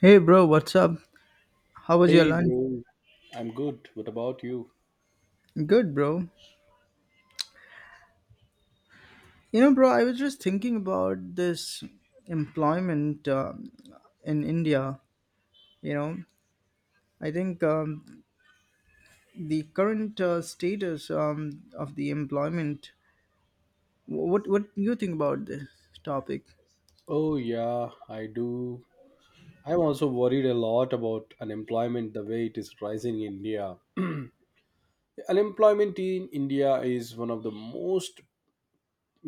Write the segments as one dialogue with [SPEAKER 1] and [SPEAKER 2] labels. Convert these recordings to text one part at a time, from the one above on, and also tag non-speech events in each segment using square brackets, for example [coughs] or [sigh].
[SPEAKER 1] Hey bro, what's up? How was your
[SPEAKER 2] Hey
[SPEAKER 1] lunch?
[SPEAKER 2] bro, I'm good. What about you?
[SPEAKER 1] Good, bro. You know, bro, I was just thinking about this employment in India. You know, I think the current status of the employment. What do you think about this topic?
[SPEAKER 2] Oh yeah, I do. I'm also worried a lot about unemployment the way it is rising in India. Unemployment in India is one of the most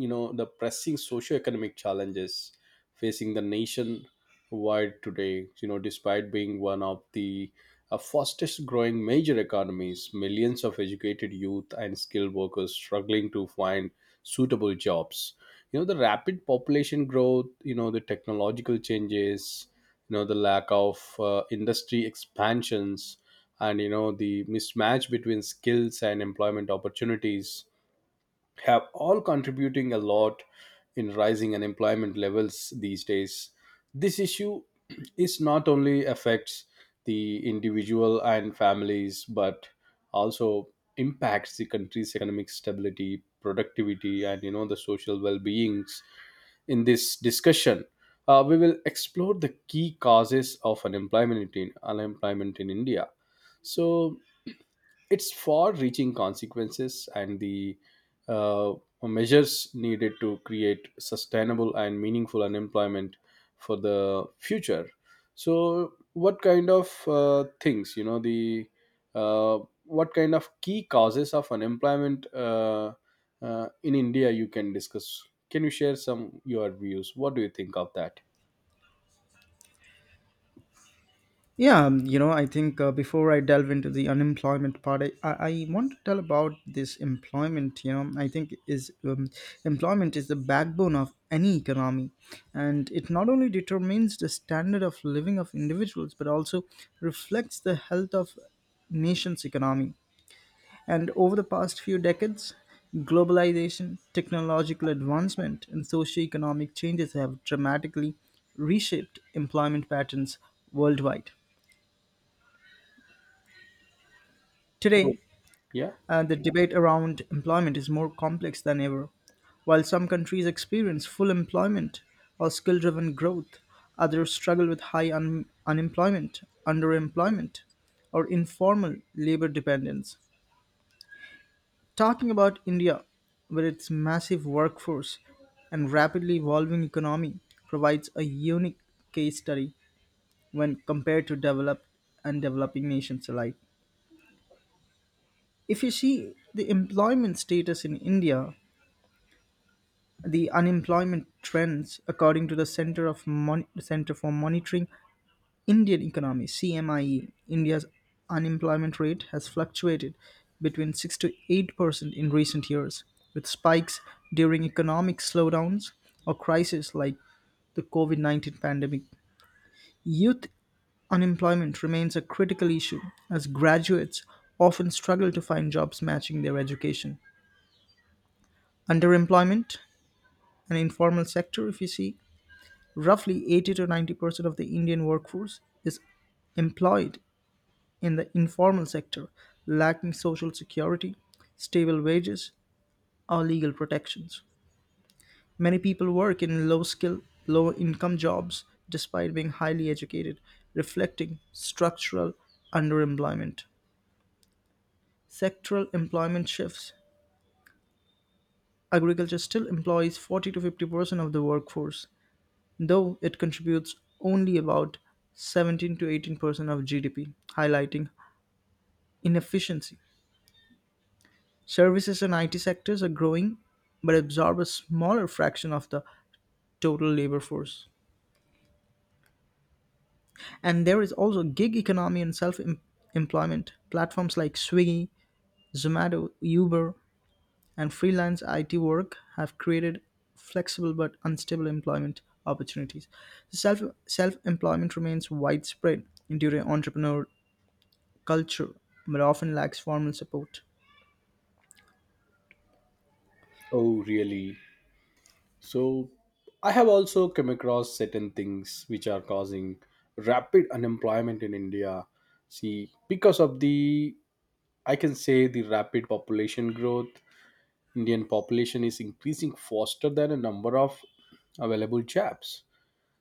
[SPEAKER 2] the pressing socioeconomic challenges facing the nation wide today, you know, despite being one of the fastest growing major economies. Millions of educated youth and skilled workers struggling to find suitable jobs, you know, the rapid population growth, you know, the technological changes, you know, the lack of industry expansions, and you know the mismatch between skills and employment opportunities have all contributing a lot in rising unemployment levels these days. This issue is not only affects the individual and families but also impacts the country's economic stability, productivity, and you know the social well-beings. In this discussion, we will explore the key causes of unemployment in india, so its far reaching consequences and the uh, measures needed to create sustainable and meaningful unemployment for the future. So what kind of things, you know, the uh, what kind of key causes of unemployment in india you can discuss? Can you share some your views? What do you think of that?
[SPEAKER 1] Yeah, you know, I think before I delve into the unemployment part, I want to tell about this employment. You know, I think is employment is the backbone of any economy, and it not only determines the standard of living of individuals, but also reflects the health of nation's economy. And over the past few decades, globalization, technological advancement, and socioeconomic changes have dramatically reshaped employment patterns worldwide.
[SPEAKER 2] Oh,
[SPEAKER 1] Today,
[SPEAKER 2] yeah.
[SPEAKER 1] and the debate around employment is more complex than ever. While some countries experience full employment or skill driven growth, others struggle with high unemployment, underemployment, or informal labor dependence. Talking about India, with its massive workforce and rapidly evolving economy, provides a unique case study when compared to developed and developing nations alike. If you see the employment status in India, the unemployment trends, according to the Center for Monitoring Indian Economy (CMIE), India's unemployment rate has fluctuated between 6% to 8% in recent years, with spikes during economic slowdowns or crises like the COVID-19 pandemic. Youth unemployment remains a critical issue as graduates often struggle to find jobs matching their education. Underemployment, and informal sector, if you see, roughly 80 to 90% of the Indian workforce is employed in the informal sector, lacking social security, stable wages, or legal protections. Many people work in low skill, low income jobs despite being highly educated, reflecting structural underemployment. Sectoral employment shifts. Agriculture still employs 40 to 50% of the workforce, though it contributes only about 17 to 18% of GDP, highlighting inefficiency. Services and IT sectors are growing but absorb a smaller fraction of the total labor force. And there is also gig economy and employment. Platforms like Swiggy, Zomato, Uber, and freelance IT work have created flexible but unstable employment opportunities. Self self employment remains widespread due to entrepreneur culture, but often lacks formal support.
[SPEAKER 2] Oh, really? So I have also come across certain things which are causing rapid unemployment in India. See, because of the, I can say the rapid population growth, Indian population is increasing faster than a number of available jobs,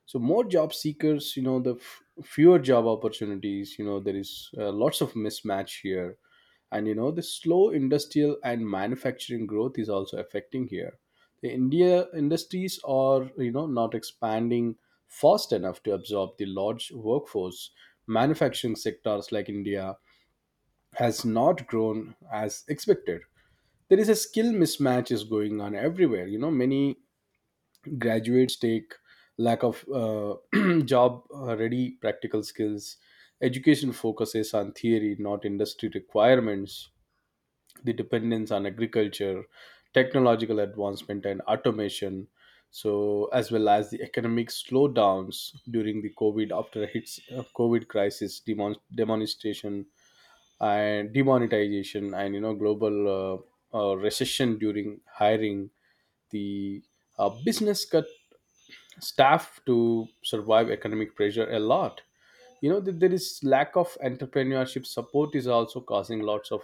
[SPEAKER 2] so more job seekers, you know, fewer job opportunities, you know there is lots of mismatch here. And you know the slow industrial and manufacturing growth is also affecting here. The india industries are, you know, not expanding fast enough to absorb the large workforce. Manufacturing sectors like india has not grown as expected. There is a skill mismatch is going on everywhere. You know, many graduates take lack of [clears throat] job ready practical skills. Education focuses on theory not industry requirements. The dependence on agriculture, technological advancement, and automation, so as well as the economic slowdowns during the covid after hits, covid crisis, demonstration and demonetization, and you know global recession during hiring, the business cut staff to survive economic pressure a lot. You know that there is lack of entrepreneurship support is also causing lots of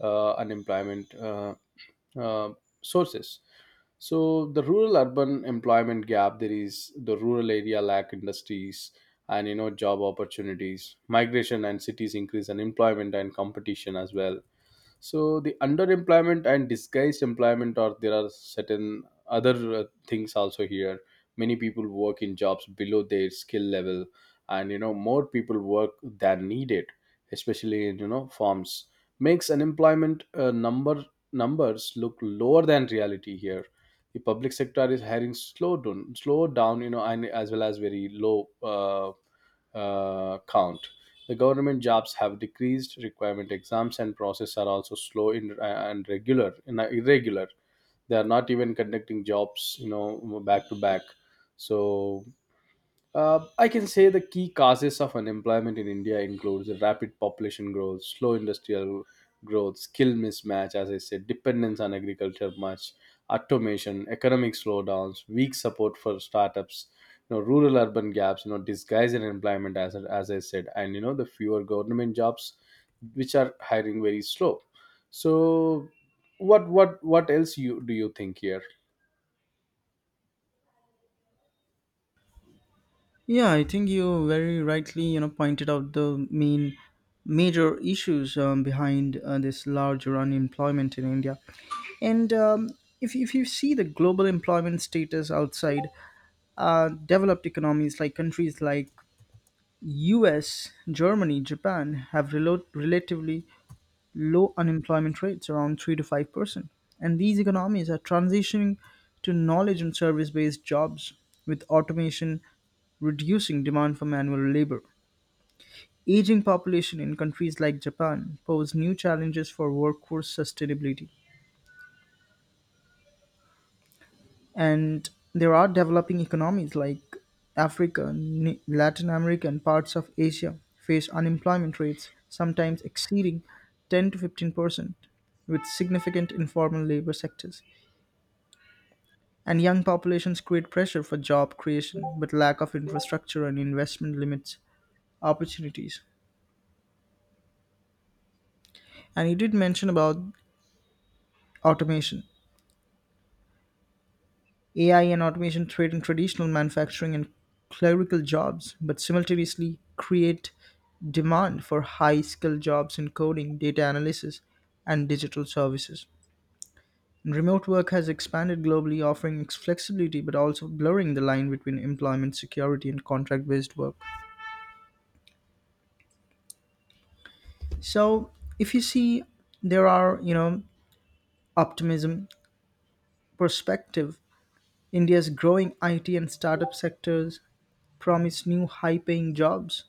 [SPEAKER 2] unemployment uh, sources. So the rural urban employment gap, there is the rural area lack industries and you know job opportunities. Migration and cities increase unemployment and competition as well. So the underemployment and disguised employment, or there are certain other things also here. Many people work in jobs below their skill level, and you know more people work than needed, especially in, you know, farms, makes unemployment numbers look lower than reality here. The public sector is hiring slow down, you know, and as well as very low count. The government jobs have decreased, requirement exams and process are also slow in, and regular and irregular. They are not even conducting jobs, you know, back to back. So I can say the key causes of unemployment in India includes rapid population growth, slow industrial growth, skill mismatch, as I said, dependence on agriculture much, automation, economic slowdowns, weak support for startups, you know, rural urban gaps, you know, disguise unemployment as I said, and you know the fewer government jobs which are hiring very slow. So what else you do you think here?
[SPEAKER 1] Yeah, I think you very rightly, you know, pointed out the main major issues behind this larger unemployment in India. And if you see the global employment status outside developed economies like countries like US, Germany, Japan have relatively low unemployment rates around 3 to 5%, and these economies are transitioning to knowledge and service based jobs, with automation reducing demand for manual labor. Aging population in countries like Japan pose new challenges for workforce sustainability, and there are developing economies like Africa, Latin America, and parts of Asia face unemployment rates sometimes exceeding 10 to 15% with significant informal labor sectors. And young populations create pressure for job creation, but lack of infrastructure and investment limits opportunities. And you did mention about automation. AI and automation threaten traditional manufacturing and clerical jobs, but simultaneously create demand for high skilled jobs in coding, data analysis, and digital services. And remote work has expanded globally, offering flexibility but also blurring the line between employment security and contract based work. So if you see, there are you know optimism perspective. India's growing IT and startup sectors promise new high-paying jobs.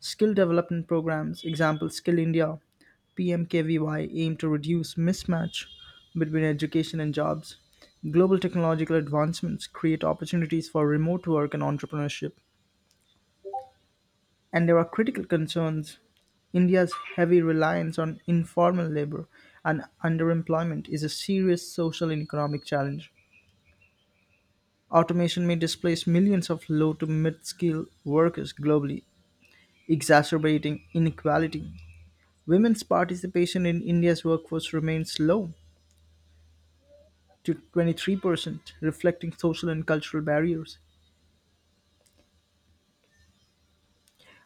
[SPEAKER 1] Skill development programs, example Skill India, PMKVY aim to reduce mismatch between education and jobs. Global technological advancements create opportunities for remote work and entrepreneurship. And there are critical concerns. India's heavy reliance on informal labor and underemployment is a serious social and economic challenge. Automation may displace millions of low to mid skilled workers globally, exacerbating inequality. Women's participation in India's workforce remains low to 23%, reflecting social and cultural barriers.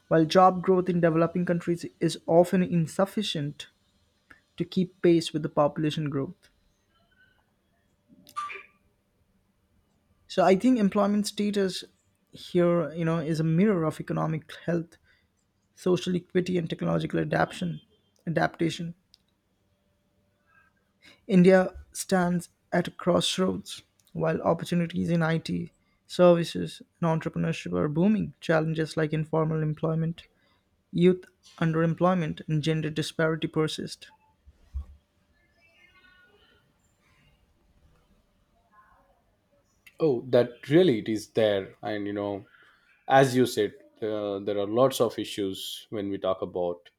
[SPEAKER 1] While job growth in developing countries is often insufficient to keep pace with the population growth. So I think employment status here, you know, is a mirror of economic health, social equity, and technological adaptation. Adaptation. India stands at a crossroads while opportunities in IT, services, and entrepreneurship are booming. Challenges like informal employment, youth underemployment, and gender disparity persist.
[SPEAKER 2] Oh, that really it is there, and you know as you said, there are lots of issues when we talk about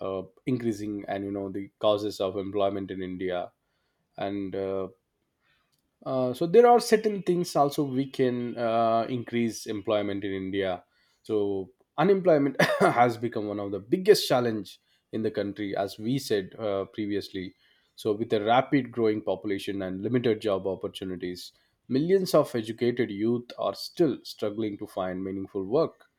[SPEAKER 2] increasing and you know the causes of employment in india. And so there are certain things also we can increase employment in india. So unemployment [coughs] has become one of the biggest challenge in the country, as we said previously. So with a rapid growing population and limited job opportunities, millions of educated youth are still struggling to find meaningful work.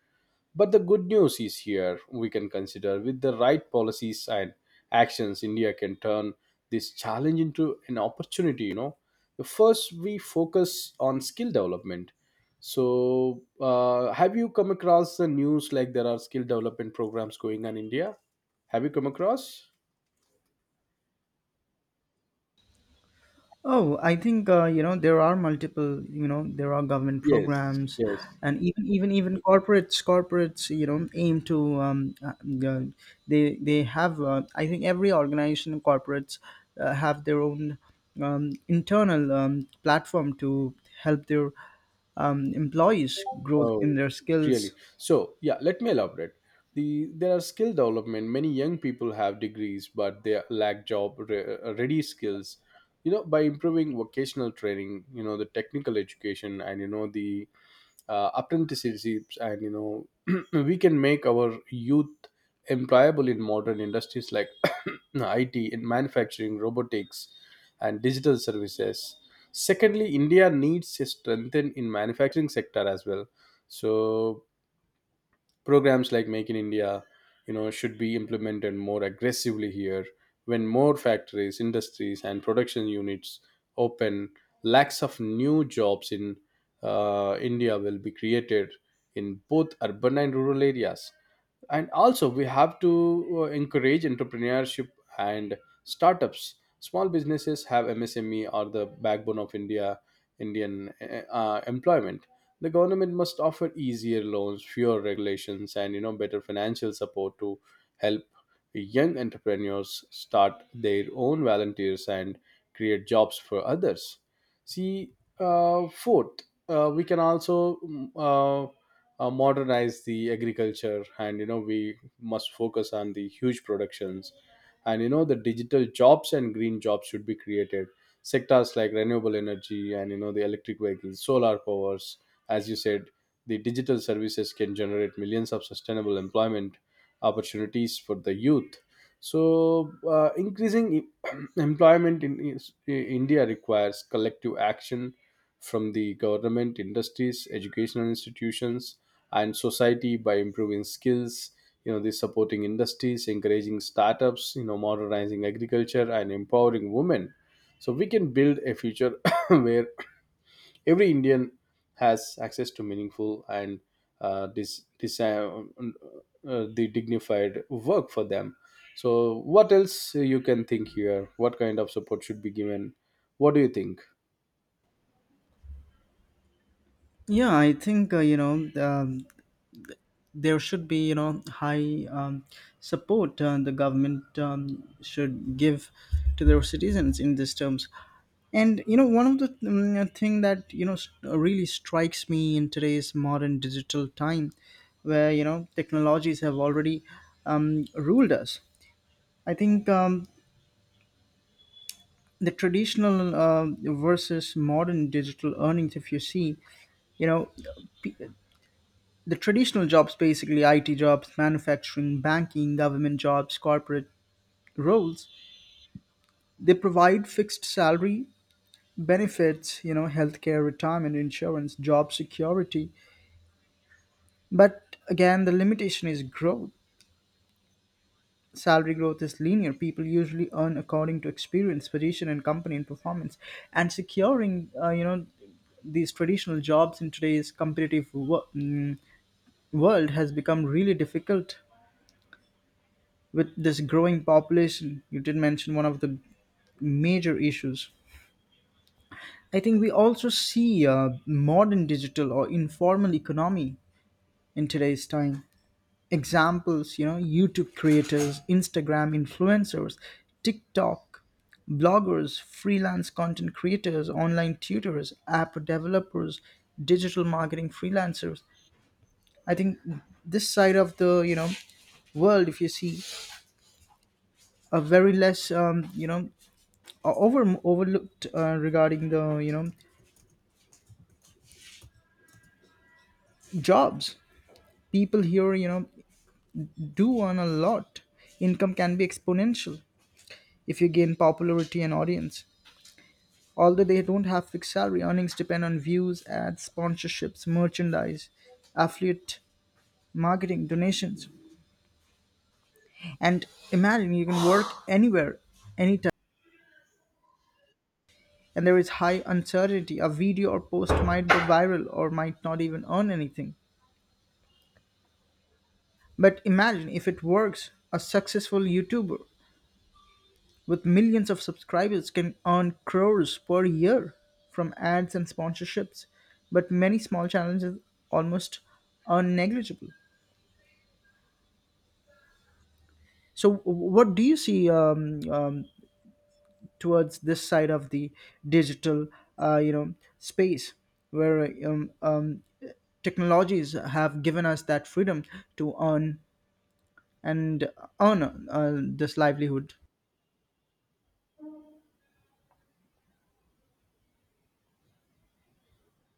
[SPEAKER 2] But the good news is here, we can consider with the right policies and actions, India can turn this challenge into an opportunity. You know, first we focus on skill development. So, have you come across the news like there are skill development programs going on in India? Have you come across?
[SPEAKER 1] Oh, I think you know there are multiple. You know there are government
[SPEAKER 2] Yes,
[SPEAKER 1] programs,
[SPEAKER 2] yes.
[SPEAKER 1] and even corporates you know aim to uh, they have. I think every organization and corporates have their own internal platform to help their employees grow in
[SPEAKER 2] Oh,
[SPEAKER 1] their
[SPEAKER 2] really?
[SPEAKER 1] skills.
[SPEAKER 2] So, yeah, let me elaborate. There are skill development. Many young people have degrees, but they lack ready skills. You know, by improving vocational training, you know, the technical education, and you know the apprenticeships, and you know [clears throat] we can make our youth employable in modern industries like [clears throat] IT in manufacturing, robotics, and digital services. Secondly, India needs a strengthen in manufacturing sector as well. So programs like make in india, you know, should be implemented more aggressively here. When more factories, industries, and production units open, lacks of new jobs in india will be created in both urban and rural areas. And also we have to encourage entrepreneurship and startups. Small businesses have msme are the backbone of india, indian employment. The government must offer easier loans, fewer regulations, and you know better financial support to help young entrepreneurs start their own volunteers and create jobs for others. See, fourth, we can also modernize the agriculture, and you know we must focus on the huge productions. And you know the digital jobs and green jobs should be created. Sectors like renewable energy, and you know the electric vehicles, solar powers, as you said, the digital services can generate millions of sustainable employment opportunities for the youth. So increasing [clears throat] employment in india requires collective action from the government, industries, educational institutions, and society, by improving skills, you know, this supporting industries, encouraging startups, you know, modernizing agriculture, and empowering women. So we can build a future [coughs] where every indian has access to meaningful and this this the dignified work for them. So what else you can think here? What kind of support should be given? What do you think?
[SPEAKER 1] Yeah, I think you know there should be you know high support the government should give to their citizens in these terms, and you know one of the thing that you know really strikes me in today's modern digital time, where you know technologies have already ruled us. I think the traditional versus modern digital earnings, if you see, you know, p- the traditional jobs, basically IT jobs, manufacturing, banking, government jobs, corporate roles, they provide fixed salary, benefits, you know, healthcare, retirement, insurance, job security. But again, the limitation is growth. Salary growth is linear. People usually earn according to experience, position, and company and performance. And securing, you know, these traditional jobs in today's competitive world has become really difficult with this growing population, you did mention one of the major issues. I think we also see a modern digital or informal economy in today's time. Examples, you know, YouTube creators, Instagram influencers, TikTok bloggers, freelance content creators, online tutors, app developers, digital marketing freelancers. I think this side of the, you know, world, if you see, are very less, you know, overlooked regarding the you know jobs. People here you know do earn a lot. Income can be exponential if you gain popularity and audience, although they don't have fixed salary. Earnings depend on views, ads, sponsorships, merchandise, affiliate marketing, donations. And imagine, you can work anywhere, anytime, and there is high uncertainty. A video or post might go viral or might not even earn anything. But imagine if it works, a successful YouTuber with millions of subscribers can earn crores per year from ads and sponsorships. But many small challenges almost are negligible. So, what do you see towards this side of the digital, you know, space where technologies have given us that freedom to earn and earn this livelihood?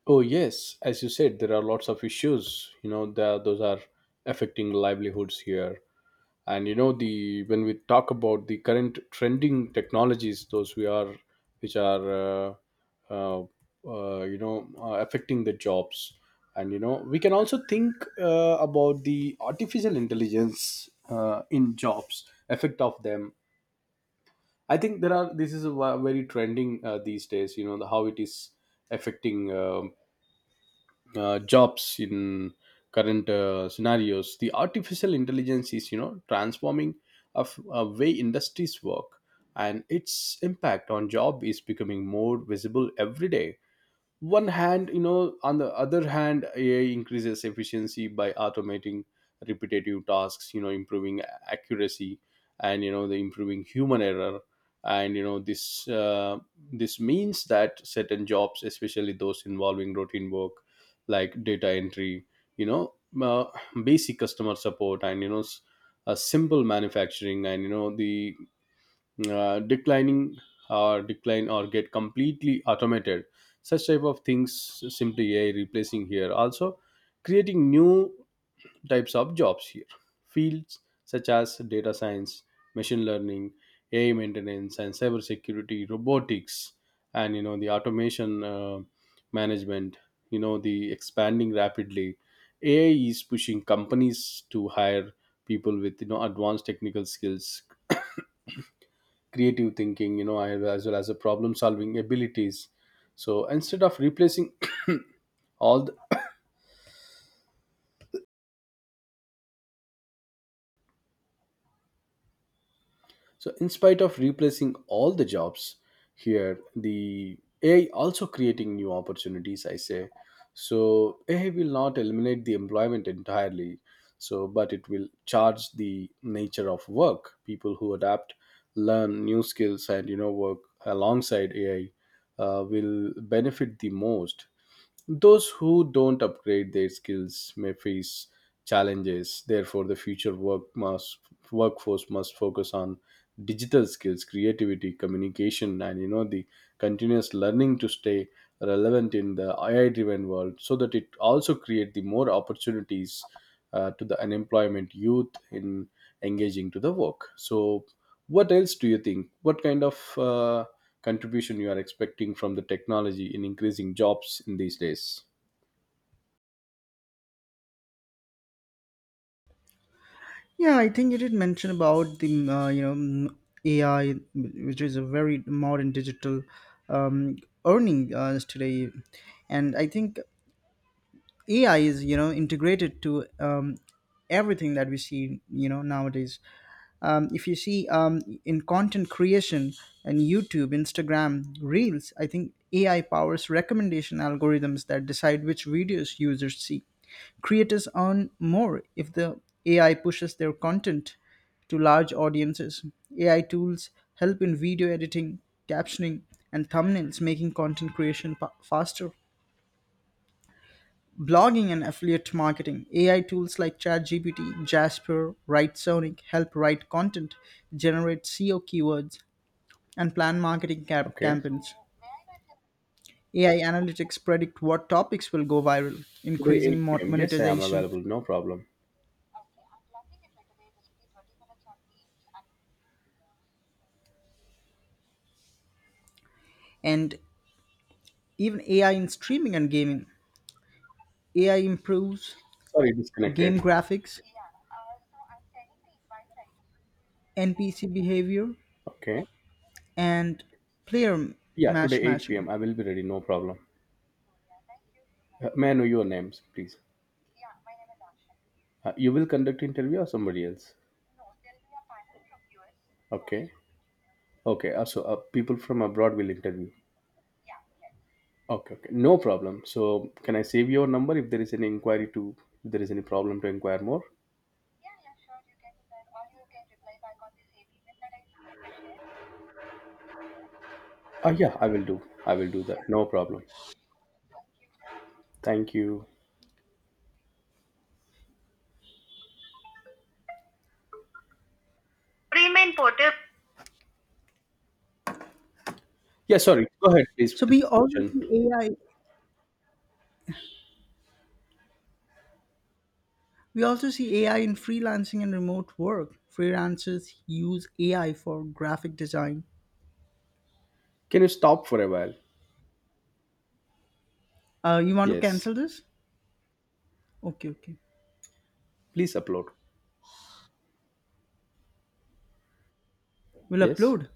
[SPEAKER 2] Oh yes, as you said, there are lots of issues. You know, the, those are affecting livelihoods here. And you know, the when we talk about the current trending technologies, those we are, which are, uh, you know, affecting the jobs. And you know, we can also think about the artificial intelligence in jobs, effect of them. I think there are. This is a very trending these days. You know, the, how it is affecting jobs in current scenarios. The artificial intelligence is, you know, transforming of a way industries work, and its impact on job is becoming more visible every day. One hand, you know, on the other hand, ai increases efficiency by automating repetitive tasks, you know, improving accuracy and you know the improving human error. And you know this means that certain jobs, especially those involving routine work like data entry, you know, uh, basic customer support, and you know simple manufacturing, and you know the declining or decline or get completely automated. Such type of things, simply ai replacing here, also creating new types of jobs here. Fields such as data science, machine learning, ai maintenance, and cyber security, robotics, and you know the automation management, you know, the expanding rapidly. Ai is pushing companies to hire people with, you know, advanced technical skills, creative thinking, you know, as well as the problem solving abilities. So instead of replacing [coughs] [clears throat] all the, so in spite of replacing all the jobs here, the ai also creating new opportunities, I say. So ai will not eliminate the employment entirely. So but it will charge the nature of work. People who adapt, learn new skills, and you know work alongside ai will benefit the most. Those who don't upgrade their skills may face challenges. Therefore, the workforce must focus on digital skills, creativity, communication, and you know the continuous learning to stay relevant in the AI driven world, so that it also create the more opportunities to the unemployment youth in engaging to the work. So what else do you think? What kind of contribution you are expecting from the technology in increasing jobs in these days?
[SPEAKER 1] Yeah, I think you did mention about the you know AI, which is a very modern digital um, earning today, and I think AI is you know integrated to everything that we see you know nowadays. If you see in content creation and YouTube, Instagram Reels, I think AI powers recommendation algorithms that decide which videos users see. Creators earn more if the AI pushes their content to large audiences. AI tools help in video editing, captioning, and thumbnails, making content creation faster. Blogging and affiliate marketing. AI tools like ChatGPT, Jasper, WriteSonic help write content, generate SEO keywords, and plan marketing
[SPEAKER 2] Okay,
[SPEAKER 1] campaigns. AI analytics predict what topics will go viral,
[SPEAKER 2] today
[SPEAKER 1] increasing
[SPEAKER 2] 8 p.m, yes, I am
[SPEAKER 1] monetization,
[SPEAKER 2] available, no problem.
[SPEAKER 1] and even AI in streaming and gaming. AI improves
[SPEAKER 2] Sorry, disconnected.
[SPEAKER 1] game graphics, NPC behavior,
[SPEAKER 2] Okay,
[SPEAKER 1] and player
[SPEAKER 2] yeah, today 8
[SPEAKER 1] matching.
[SPEAKER 2] p.m I will be ready, no problem. May I know your names, please? You will conduct interview or somebody else? Okay. Okay. So people from abroad will interview. Okay. Okay. No problem. So can I save your number if there is any inquiry to, if there is any problem to inquire more? Yeah, I will do. I will do that. No problem. Thank you. Pre-main portal. Yeah, sorry. Go ahead, please,
[SPEAKER 1] So
[SPEAKER 2] with the
[SPEAKER 1] we also
[SPEAKER 2] discussion.
[SPEAKER 1] see AI. We also see AI in freelancing and remote work. Freelancers use AI for graphic design.
[SPEAKER 2] Can you stop for a while?
[SPEAKER 1] You want to
[SPEAKER 2] Yes.
[SPEAKER 1] cancel this? Okay, okay.
[SPEAKER 2] Please upload.
[SPEAKER 1] We'll
[SPEAKER 2] Yes.
[SPEAKER 1] upload.